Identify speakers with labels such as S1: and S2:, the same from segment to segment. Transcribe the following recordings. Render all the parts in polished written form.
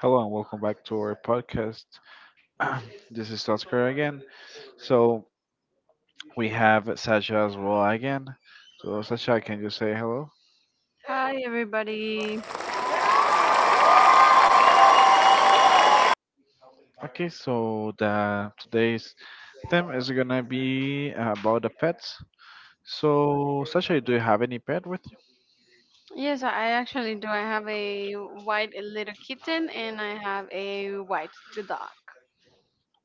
S1: Hello and welcome back to our podcast. This is Oscar again. So we have Sasha as well again. So Sasha, can you say hello?
S2: Hi everybody.
S1: Okay, so the today's theme is gonna be about the pets. So Sasha, do you have any pet with you?
S2: Yes, I actually do. I have a white little kitten and I have a white dog.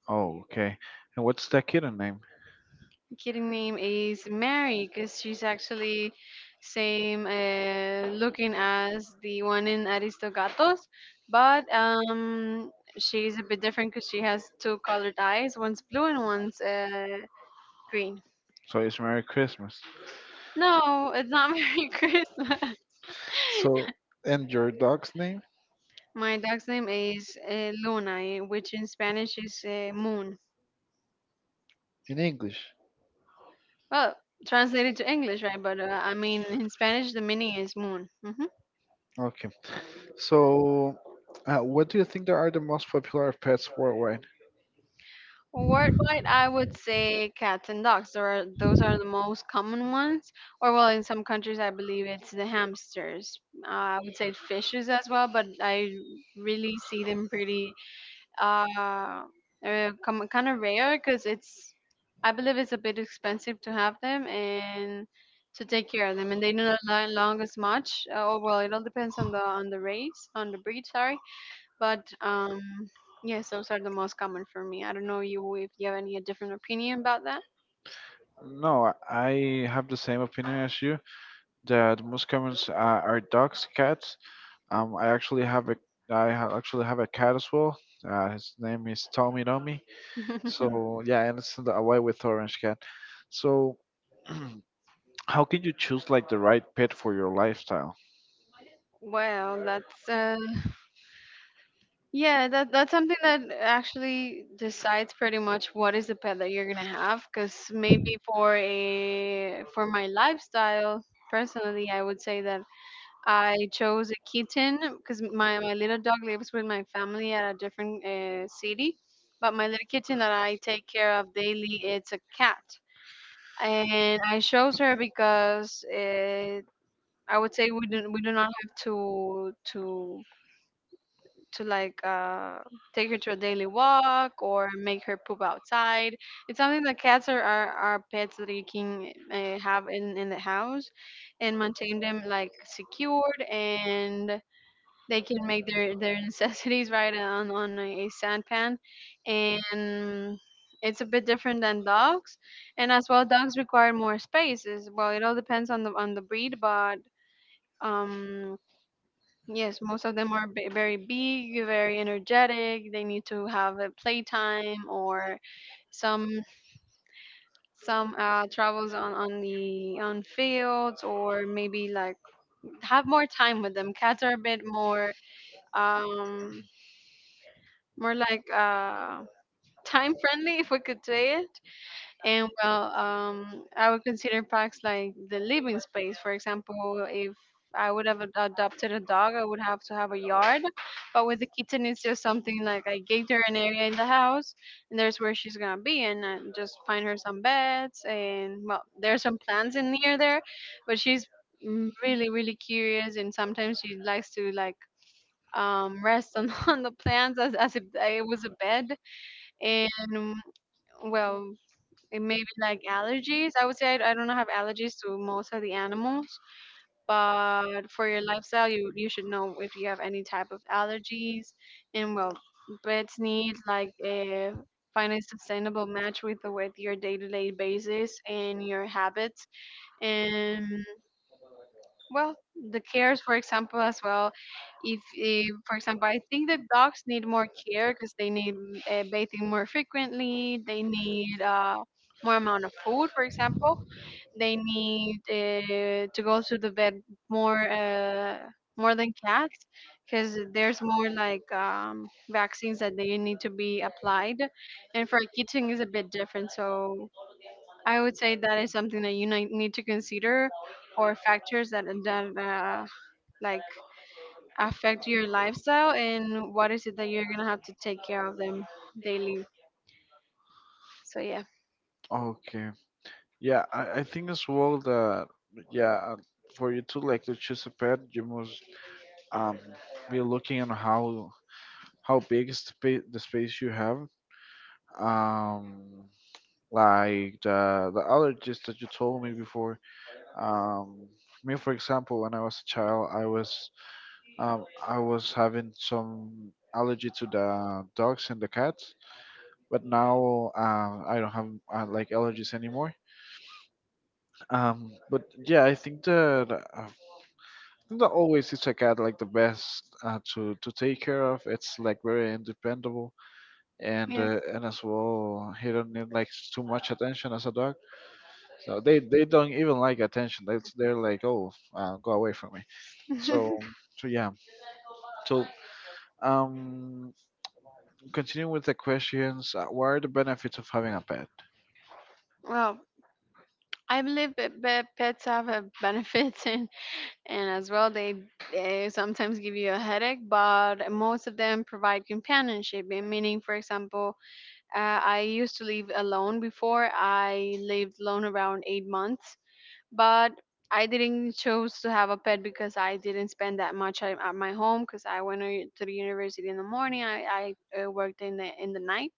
S1: Oh, okay. And what's the kitten name?
S2: Kitten name is Mary because she's actually same looking as the one in Aristogatos, but she's a bit different because she has two colored eyes. One's blue and one's green.
S1: So it's Merry Christmas.
S2: No, it's not Merry Christmas.
S1: So, and your dog's name
S2: My dog's name is Luna, which in Spanish is moon.
S1: in English.
S2: Well, translated to English, right? But I mean, in Spanish, the meaning is moon. Hmm.
S1: Okay. So what do you think there are the most popular pets worldwide?
S2: Worldwide, I would say cats and dogs. Those are the most common ones. Or, well, in some countries, I believe it's the hamsters. I would say fishes as well, but I really see them pretty uh, uh kind of rare because it's I believe it's a bit expensive to have them and to take care of them, and they do not long as much. Oh well, it all depends on the race, on the breed, sorry. But yes, those are the most common for me. I don't know you if you have any different opinion about that.
S1: No, I have the same opinion as you that most comments are dogs, cats. I actually have a I ha- actually have a cat as well. His name is Tommy Nomi. So yeah, and it's the away with orange cat. So how can you choose like the right pet for your lifestyle?
S2: Well, that's yeah, that's something that actually decides pretty much what is the pet that you're gonna have. Because maybe for my lifestyle personally, I would say that I chose a kitten because my little dog lives with my family at a different city, but my little kitten that I take care of daily, it's a cat, and I chose her because I would say we do not have to like take her to a daily walk or make her poop outside. It's something that cats are pets that you can have in the house and maintain them like secured, and they can make their necessities right on a sandpan. And it's a bit different than dogs, and as well dogs require more space as well. It all depends on the breed, but um yes, most of them are very big, very energetic. They need to have a playtime or some some travels on the on fields, or maybe like have more time with them. Cats are a bit more um more like time friendly, if we could say it. And well, I would consider parks like the living space. For example, if I would have adopted a dog, I would have to have a yard. But with the kitten, it's just something like I gave her an area in the house, and there's where she's gonna be, and I just find her some beds, and well, there's some plants in near there, but she's really, really curious, and sometimes she likes to like rest on, on the plants as if it was a bed. And well, it may be like allergies. I would say I don't have allergies to most of the animals, but for your lifestyle, you should know if you have any type of allergies. And well, pets need like a find a sustainable match with your day to day basis and your habits, and well, the cares, for example, as well. If, for example, I think the dogs need more care because they need bathing more frequently. They need more amount of food, for example. They need to go to the vet more uh, more than cats, because there's more like vaccines that they need to be applied, and for a kitten is a bit different. So I would say that is something that you need to consider, or factors that like affect your lifestyle and what is it that you're gonna have to take care of them daily. So yeah,
S1: Okay, yeah, I think as well that yeah, for you to like to choose a pet, you must um be looking on how big is the space you have um like the allergies that you told me before um me for example when I was a child I was having some allergy to the dogs and the cats but now I don't have like allergies anymore but yeah I think that always is a cat like the best to take care of it's like very independable and
S2: yeah.
S1: uh, and as well he don't need like too much attention as a dog. So they don't even like attention. That's they're like, oh, go away from me. So so, yeah. So um, continuing with the questions. What are the benefits of having a pet?
S2: Well, I believe that pets have a benefits, and as well they sometimes give you a headache, but most of them provide companionship. And meaning, for example, I used to live alone before. I lived alone around 8 months, but I didn't choose to have a pet because I didn't spend that much time at my home, because I went to the university in the morning. I worked in the night,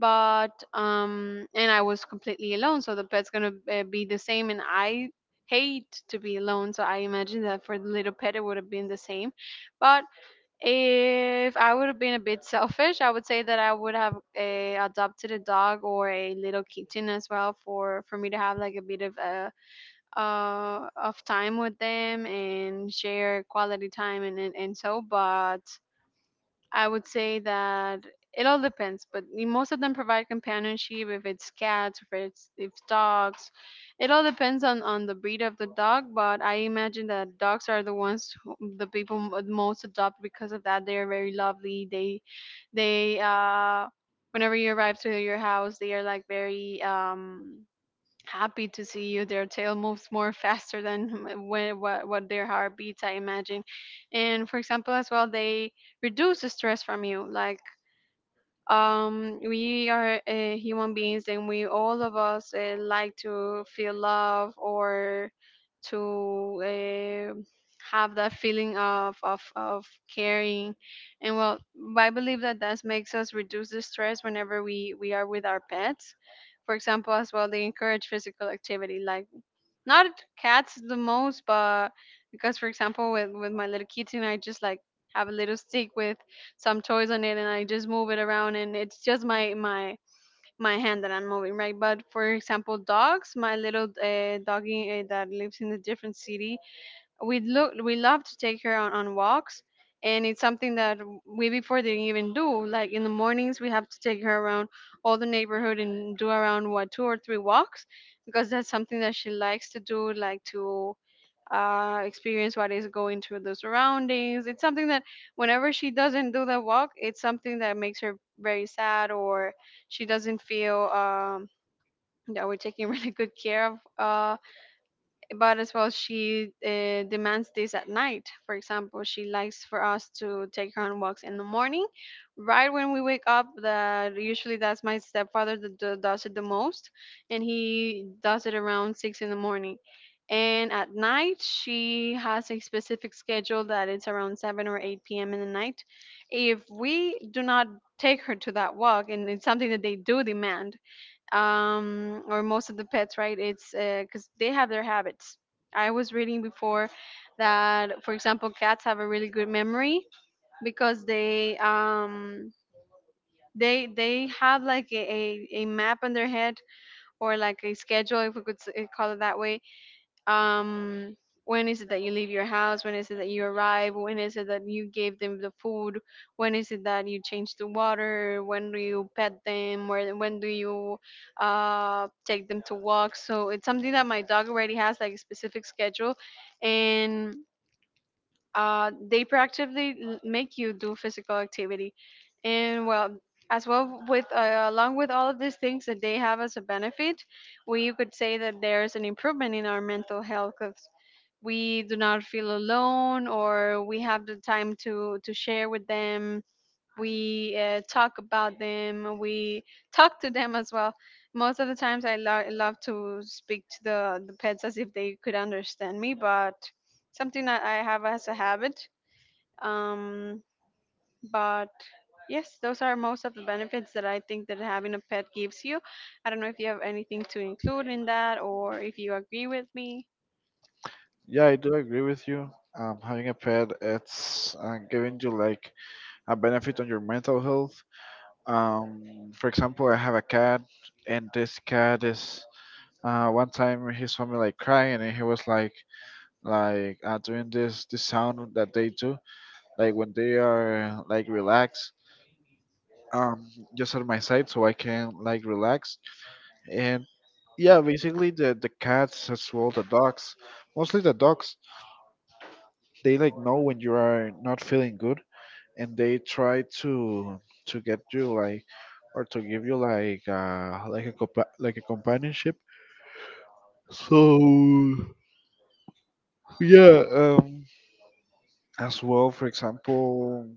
S2: but and I was completely alone. So the pet's gonna be the same, and I hate to be alone. So I imagine that for the little pet it would have been the same. But if I would have been a bit selfish, I would say that I would have adopted a dog or a little kitten as well, for me to have like a bit of a of time with them and share quality time, and so. But I would say that it all depends, but most of them provide companionship. If it's cats, if dogs, it all depends on the breed of the dog. But I imagine that dogs are the ones the people would most adopt because of that. They are very lovely. They Whenever you arrive to your house, they are like very happy to see you. Their tail moves more faster than what their heart beats, I imagine. And for example, as well, they reduce the stress from you. Like we are human beings, and we all of us like to feel love, or to have that feeling of caring. And well, I believe that that makes us reduce the stress whenever we are with our pets. For example, as well, they encourage physical activity. Like, not cats the most, but because for example, with my little kitten, I just like have a little stick with some toys on it, and I just move it around, and it's just my hand that I'm moving, right? But for example, dogs, my little doggy that lives in a different city, we love to take her on walks. And it's something that we before didn't even do. Like in the mornings, we have to take her around all the neighborhood and do around what, two or three walks, because that's something that she likes to do, like to experience what is going through the surroundings. It's something that whenever she doesn't do the walk, it's something that makes her very sad, or she doesn't feel that we're taking really good care of but as well she demands this at night. For example, she likes for us to take her on walks in the morning, right when we wake up. That usually, that's my stepfather that does it the most, and he does it around 6 in the morning. And at night she has a specific schedule that it's around 7 or 8 p.m. in the night. If we do not take her to that walk, and it's something that they do demand, or most of the pets, right? It's because they have their habits. I was reading before that for example, cats have a really good memory because they they have like a map in their head, or like a schedule, if we could call it that way. um when is it that you leave your house, when is it that you arrive, when is it that you gave them the food, when is it that you change the water, when do you pet them, where when do you take them to walk. So it's something that my dog already has like a specific schedule, and they proactively make you do physical activity. And well, as well with along with all of these things that they have as a benefit, we you could say that there's an improvement in our mental health, 'cause we do not feel alone, or we have the time to share with them. We talk about them, we talk to them as well. Most of the times I love to speak to the pets as if they could understand me. But something that I have as a habit, um, but yes, those are most of the benefits that I think that having a pet gives you. I don't know if you have anything to include in that or if you agree with me.
S1: Yeah, I do agree with you. Having a pet, it's giving you like a benefit on your mental health. For example, I have a cat, and this cat is one time he saw me like crying, and he was like doing this sound that they do like when they are like relaxed um just on my side so I can like relax. And yeah, basically the cats as well the dogs, mostly the dogs, they like know when you are not feeling good, and they try to get you like or to give you like a companionship. So yeah. As well for example,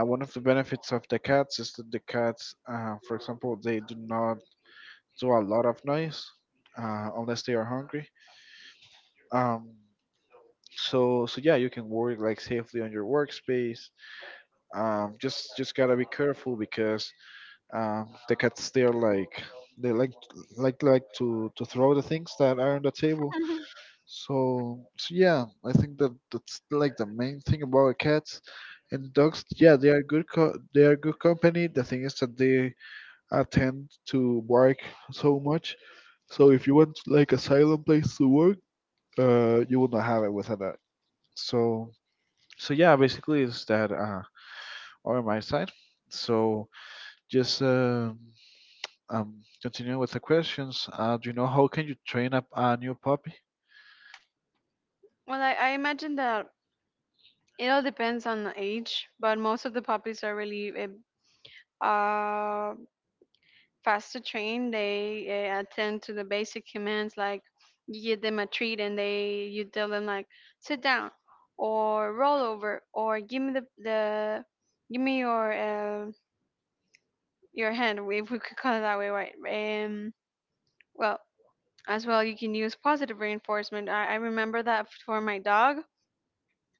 S1: one of the benefits of the cats is that the cats, for example, they do not do a lot of noise, unless they are hungry. um, so so, yeah you can work like safely on your workspace, just gotta be careful because the cats they're like, they like to throw the things that are on the table. So so, yeah I think that that's like the main thing about cats. And dogs, yeah, they are they are good company. The thing is that they I tend to work so much. So if you want like a silent place to work, you will not have it without that. So so, yeah, basically it's that on my side. So just continuing with the questions. Do you know how can you train up a new puppy?
S2: Well, I imagine that it all depends on the age, but most of the puppies are really uh, faster train. They attend to the basic commands, like you give them a treat and they you tell them like sit down or roll over or give me the give me your hand, if we could call it that way, right? Um, well, as well, you can use positive reinforcement. I remember that for my dog.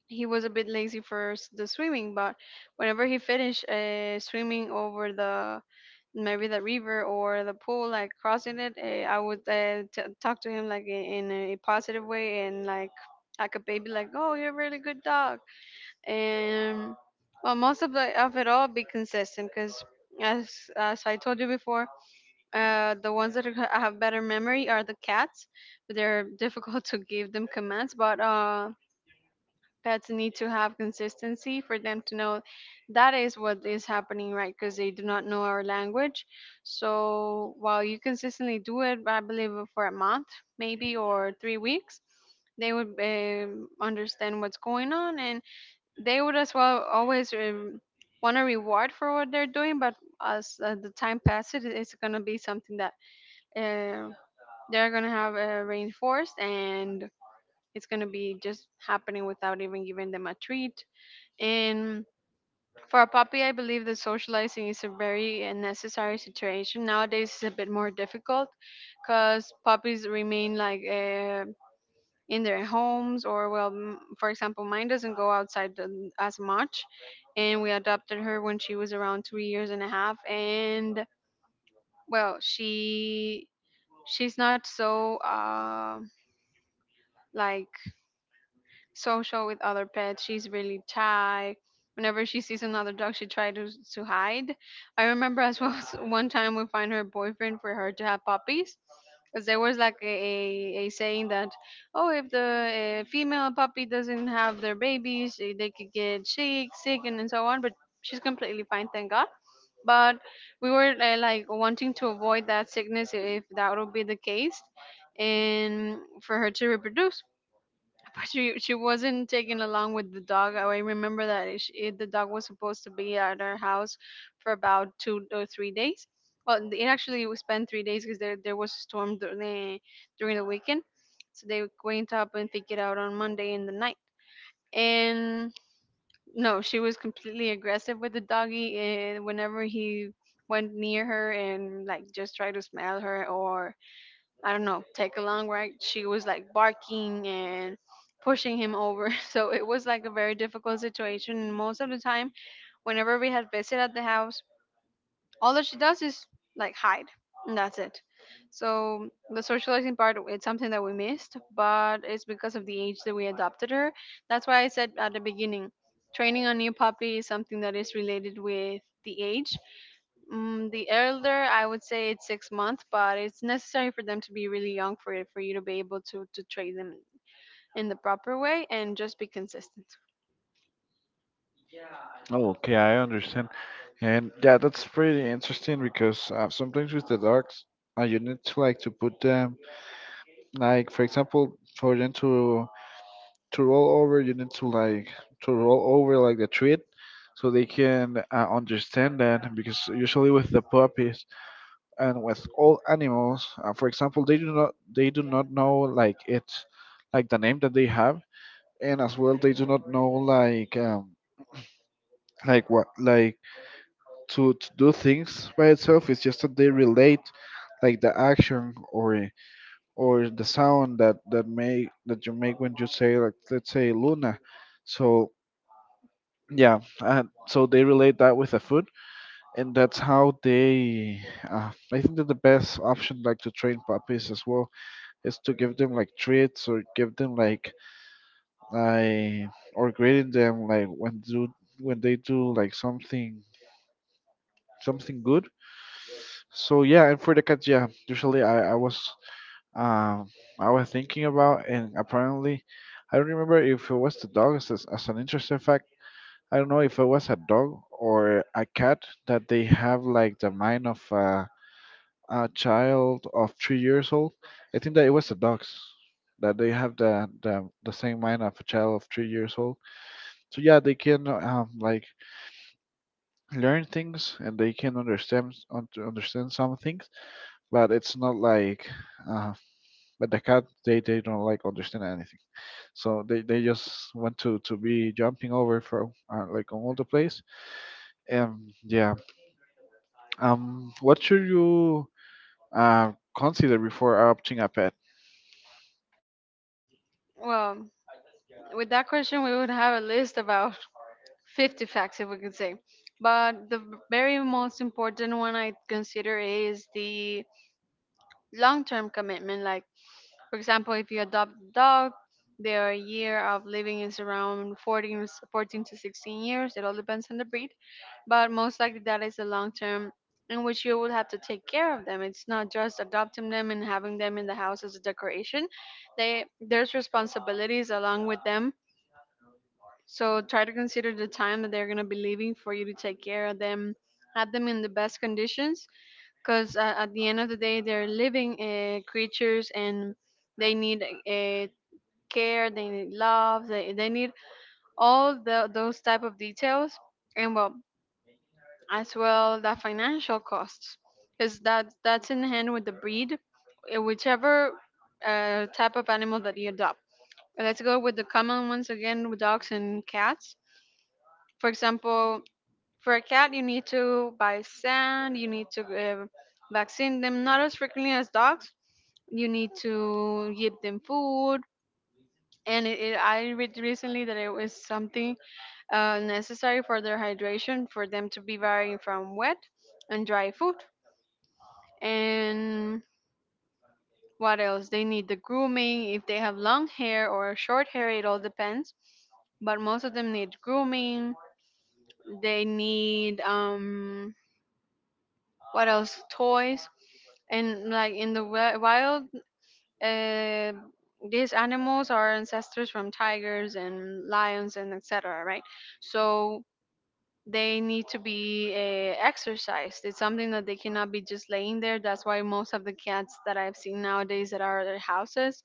S2: He was a bit lazy for the swimming, but whenever he finished swimming over the maybe the river or the pool, like crossing it, I would talk to him like in a positive way and like a baby, like, oh, you're a really good dog. And well, most of the of it all, be consistent because as as I told you before, the ones that have better memory are the cats, but they're difficult to give them commands. But pets need to have consistency for them to know that is what is happening, right? Because they do not know our language, so while you consistently do it, I believe for a month maybe or 3 weeks, they would understand what's going on. And they would as well always want a reward for what they're doing. But as the time passes, it's going to be something that uh, they're gonna have reinforced, and it's gonna be just happening without even giving them a treat. And for a puppy, I believe that socializing is a very necessary situation. Nowadays, it's a bit more difficult because puppies remain in their homes. Or well, for example, mine doesn't go outside as much, and we adopted her when she was around 3 years and a half. And well, she's not so like social with other pets. She's really shy. Whenever she sees another dog, she tries to hide. I remember as well, as one time we find her boyfriend for her to have puppies. Because there was like a saying that, oh, if the female puppy doesn't have their babies, they could get sick, and so on. But she's completely fine, thank God. But we were like wanting to avoid that sickness, if that would be the case, and for her to reproduce. But she wasn't taken along with the dog. I remember that the dog was supposed to be at our house for about 2 or 3 days. Well, it actually was spent 3 days because there was a storm during the weekend. So they went up and pick it out on Monday in the night. No, she was completely aggressive with the doggy, and whenever he went near her and like just tried to smell her or I don't know, take a long ride, she was like barking and pushing him over. So it was like a very difficult situation. And most of the time, whenever we had visit at the house, all that she does is like hide, and that's it. So the socializing part, it's something that we missed, but it's because of the age that we adopted her. That's why I said at the beginning, training a new puppy is something that is related with the age. Mm, the elder, I would say it's 6 months, but it's necessary for them to be really young for you to be able to train them in the proper way and just be consistent.
S1: Oh, okay, I understand. And yeah, that's pretty interesting because sometimes with the dogs, you need to like to put them like for example for them to roll over, you need to like to roll over like the treat, so they can understand that, because usually with the puppies and with all animals, for example, they do not know like it's like the name that they have. And as well they do not know like what like to do things by itself. It's just that they relate like the action or the sound that you make when you say like let's say luna. So yeah, so they relate that with the food, and that's how they. I think that the best option, like to train puppies as well, is to give them like treats or give them like I or grading them like when they do like something good. So yeah. And for the cats, yeah, usually um I was thinking about. And apparently, I don't remember if it was the dog as an interesting fact. I don't know if it was a dog or a cat that they have like the mind of a child of 3 years old. I think that it was the dogs that they have the same mind of a child of 3 years old. So yeah, they can like learn things, and they can understand understand some things, but it's not like uh, but the cat they don't like understand anything. So they just want to be jumping over from like on all the place. Yeah. What should you consider before adopting a pet?
S2: Well, with that question, we would have a list about 50 facts, if we could say. But the very most important one I consider is the long term commitment. Like, for example, if you adopt a dog, their year of living is around 14 to 16 years. It all depends on the breed, but most likely that is a long term in which you would have to take care of them. It's not just adopting them and having them in the house as a decoration. They, there's responsibilities along with them. So try to consider the time that they're going to be leaving for you to take care of them. Have them in the best conditions, because at the end of the day, they're living creatures, and they need care, they need love, they need all the, those type of details. And well, as well the financial costs, because that that's in hand with the breed. Whichever type of animal that you adopt, let's go with the common ones again, with dogs and cats. For example, for a cat you need to buy sand, you need to vaccine them not as frequently as dogs. You need to give them food. And I read recently that it was something necessary for their hydration for them to be varying from wet and dry food. And what else? They need the grooming. If they have long hair or short hair, it all depends. But most of them need grooming. They need um, what else? Toys. And like in the wild, uh, these animals are ancestors from tigers and lions and etc. Right? So they need to be exercised. It's something that they cannot be just laying there. That's why most of the cats that I've seen nowadays that are at their houses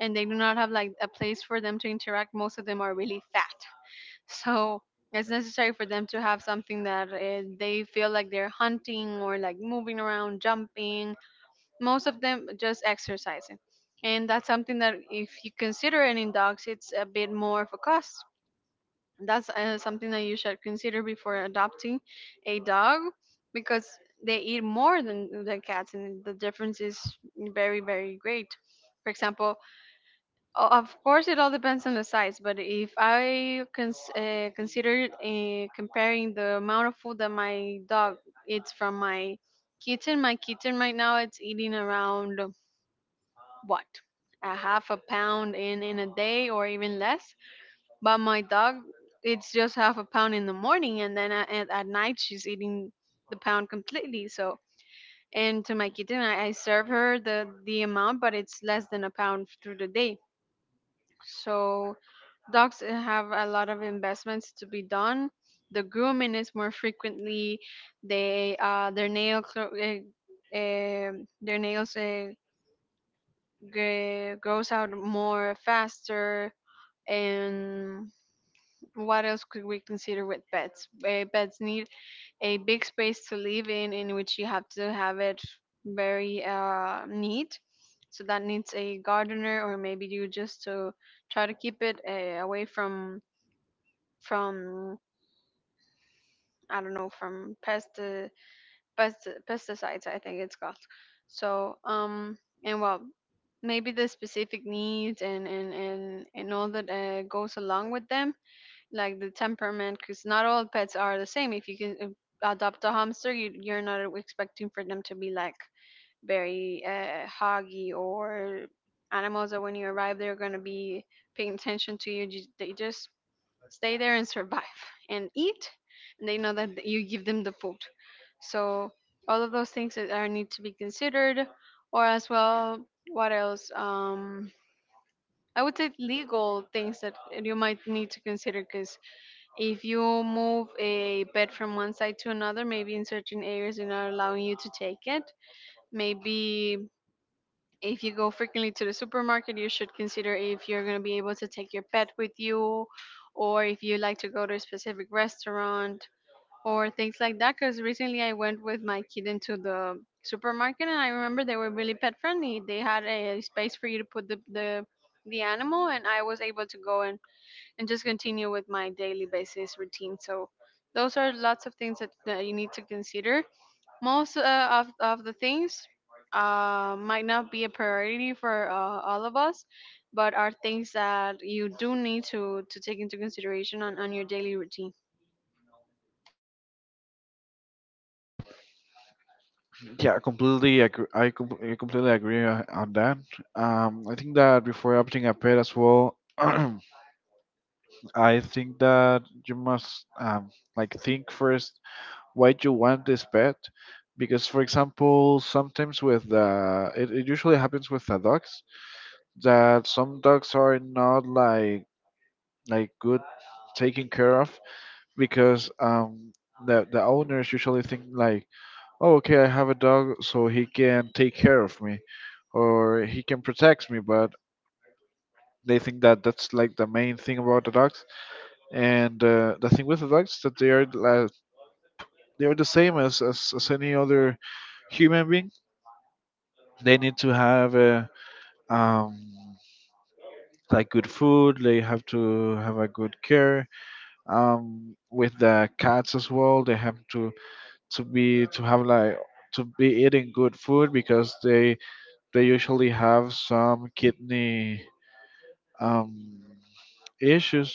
S2: and they do not have like a place for them to interact. Most of them are really fat, so it's necessary for them to have something that they feel like they're hunting or like moving around, jumping. Most of them just exercising. And that's something that, if you consider it in dogs, it's a bit more of a cost. That's something that you should consider before adopting a dog, because they eat more than the cats, and the difference is very very great. For example, of course it all depends on the size. But if I consider comparing the amount of food that my dog eats from my kitten, my kitten right now, it's eating around what, a half a pound in a day or even less. But my dog, it's just half a pound in the morning, and then at night she's eating the pound completely. So and to my kitten, I serve her the amount, but it's less than a pound through the day. So dogs have a lot of investments to be done. The grooming is more frequently. They uh, their their nails grows out more faster. And what else could we consider with pets? Pets need a big space to live in which you have to have it very neat. So that needs a gardener, or maybe you just to try to keep it away from I don't know, from pest pesticides, I think it's called. So um, and well, maybe the specific needs and and all that goes along with them. Like the temperament, because not all pets are the same. If you can adopt a hamster, you're not expecting for them to be like very hoggy, or animals that when you arrive they're going to be paying attention to you. They just stay there and survive and eat, and they know that you give them the food. So all of those things that are need to be considered. Or as well, what else um, I would say legal things that you might need to consider, because if you move a pet from one side to another, maybe in certain areas they're not allowing you to take it. Maybe if you go frequently to the supermarket, you should consider if you're going to be able to take your pet with you, or if you like to go to a specific restaurant, or things like that. Because recently I went with my kid into the supermarket, and I remember they were really pet friendly. They had a space for you to put the animal, and I was able to go and just continue with my daily basis routine. So those are lots of things that, that you need to consider. Most of the things might not be a priority for all of us, but are things that you do need to take into consideration on your daily routine.
S1: Yeah, completely. Agree. I completely agree on that. I think that before adopting a pet as well, I think that you must like think first why you want this pet, because for example, sometimes with it usually happens with the dogs, that some dogs are not like good taken care of because the owners usually think like, oh, okay, I have a dog so he can take care of me, or he can protect me, but they think that that's like the main thing about the dogs. And the thing with the dogs that they are like, they are the same as any other human being. They need to have a um like good food. They have to have a good care. With the cats as well, they have to be to have like to be eating good food, because they usually have some kidney um issues.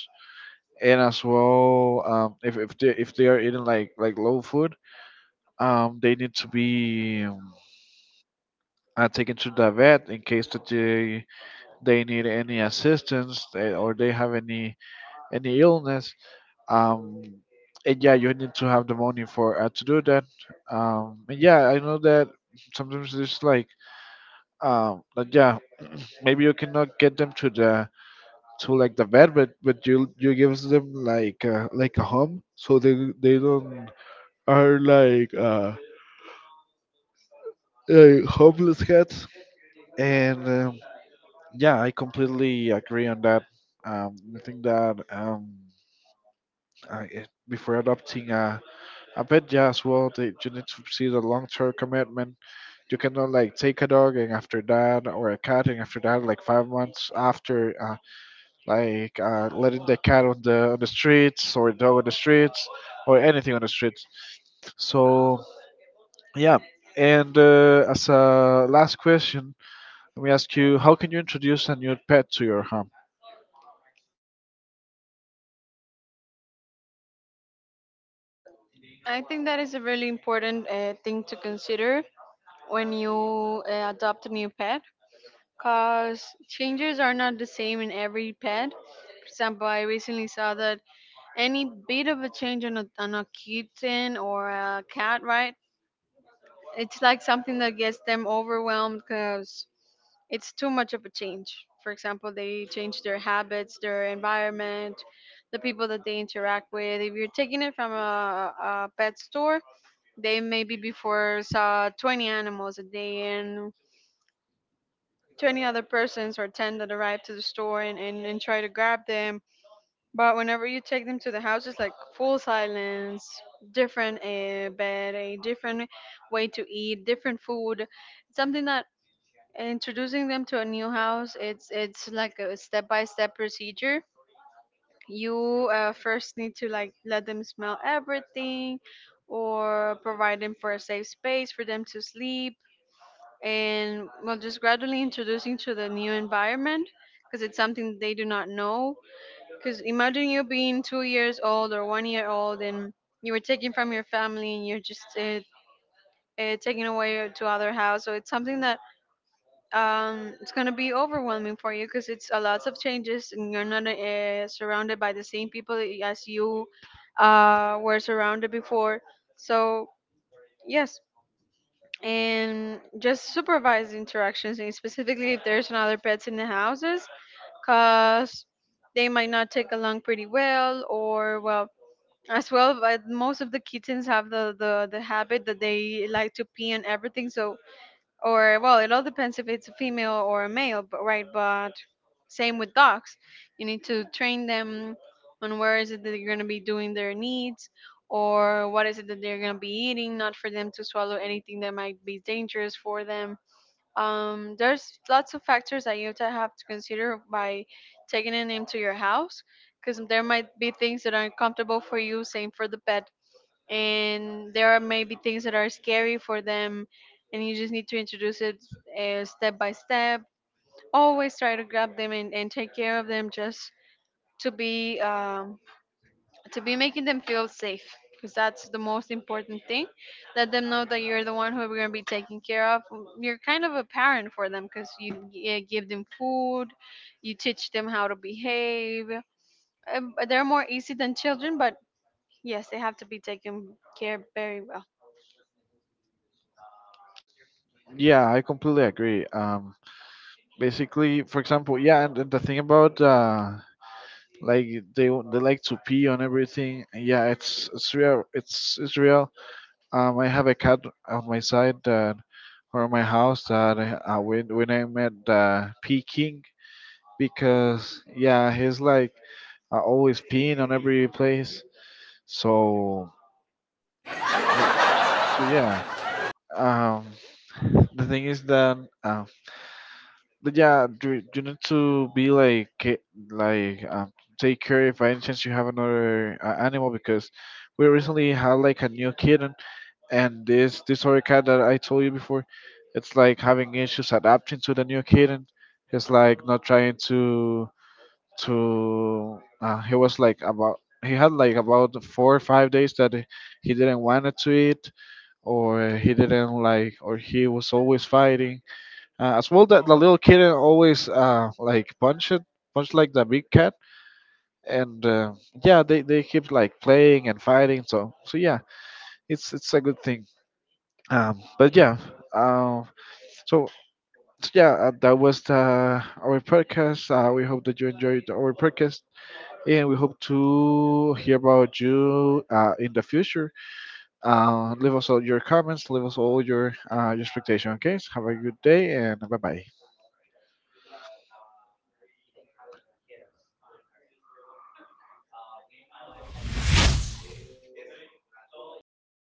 S1: And as well, if they are eating like low food, they need to be taken to the vet in case that they need any assistance, or they have any illness, um and yeah, you need to have the money for to do that. And yeah, I know that sometimes there's like yeah, maybe you cannot get them to the to like the vet, but you gives them like a home so they don't are like homeless cats, and yeah, I completely agree on that. I think that before adopting a pet, yeah, as well, you need to see the long-term commitment. You cannot like take a dog and after that, or a cat and after that, like 5 months after like letting the cat on the streets, or dog on the streets, or anything on the streets. So yeah, and as a last question, let me ask you: How can you introduce a new pet to your home?
S2: I think that is a really important thing to consider when you adopt a new pet, because changes are not the same in every pet. For example, I recently saw that any bit of a change on a kitten or a cat, right? It's like something that gets them overwhelmed, because it's too much of a change. For example, they change their habits, their environment, the people that they interact with. If you're taking it from a pet store, they maybe before saw 20 animals a day, and 20 other persons or 10 that arrive to the store and, and try to grab them. But whenever you take them to the house, it's like full silence, different bed, a different way to eat, different food. Something that introducing them to a new house, it's like a step by step procedure. You first need to like let them smell everything, or provide them for a safe space for them to sleep, and well, just gradually introducing to the new environment, because it's something they do not know. Because imagine you being 2 years old or 1 year old, and you were taken from your family, and you're just taken away to other house. So it's something that it's going to be overwhelming for you, because it's a lots of changes, and you're not surrounded by the same people as you were surrounded before. So, yes. And just supervise interactions, and specifically if there's another pets in the houses, because they might not take along pretty well. Or well, as well, but most of the kittens have the, the habit that they like to pee on everything. So or well, it all depends if it's a female or a male, but right. But same with dogs, you need to train them on where is it that they're going to be doing their needs, or what is it that they're going to be eating, not for them to swallow anything that might be dangerous for them. Um, there's lots of factors that you have to consider by taking a name to your house, because there might be things that aren't comfortable for you, same for the pet, and there are maybe things that are scary for them, and you just need to introduce it step by step. Always try to grab them and take care of them just to be um, to be making them feel safe, because that's the most important thing. Let them know that you're the one who's going to be taking care of. You're kind of a parent for them, because you give them food, you teach them how to behave. They're more easy than children, but yes, they have to be taken care very well.
S1: Yeah, I completely agree. Basically, for example, yeah, and the thing about like they like to pee on everything. Yeah, it's real. It's real. I have a cat on my side that, or my house that I, when I met P King, because yeah, he's like always peeing on every place. So so, so, yeah. Um, the thing is that um, but yeah, you need to be like like um, take care if by any chance you have another animal, because we recently had like a new kitten, and this other that I told you before, it's like having issues adapting to the new kitten. He's like not trying to. He had like about 4 or 5 days that he didn't want to eat, or he didn't like, or he was always fighting. As well that the little kitten always like punch like the big cat. And yeah, they keep like playing and fighting. So so, yeah, it's a good thing. But yeah, uh, so, so, yeah, that was our podcast. We hope that you enjoyed our podcast, and we hope to hear about you in the future. Leave us all your comments, leave us all your expectation. Okay, so have a good day, and bye bye.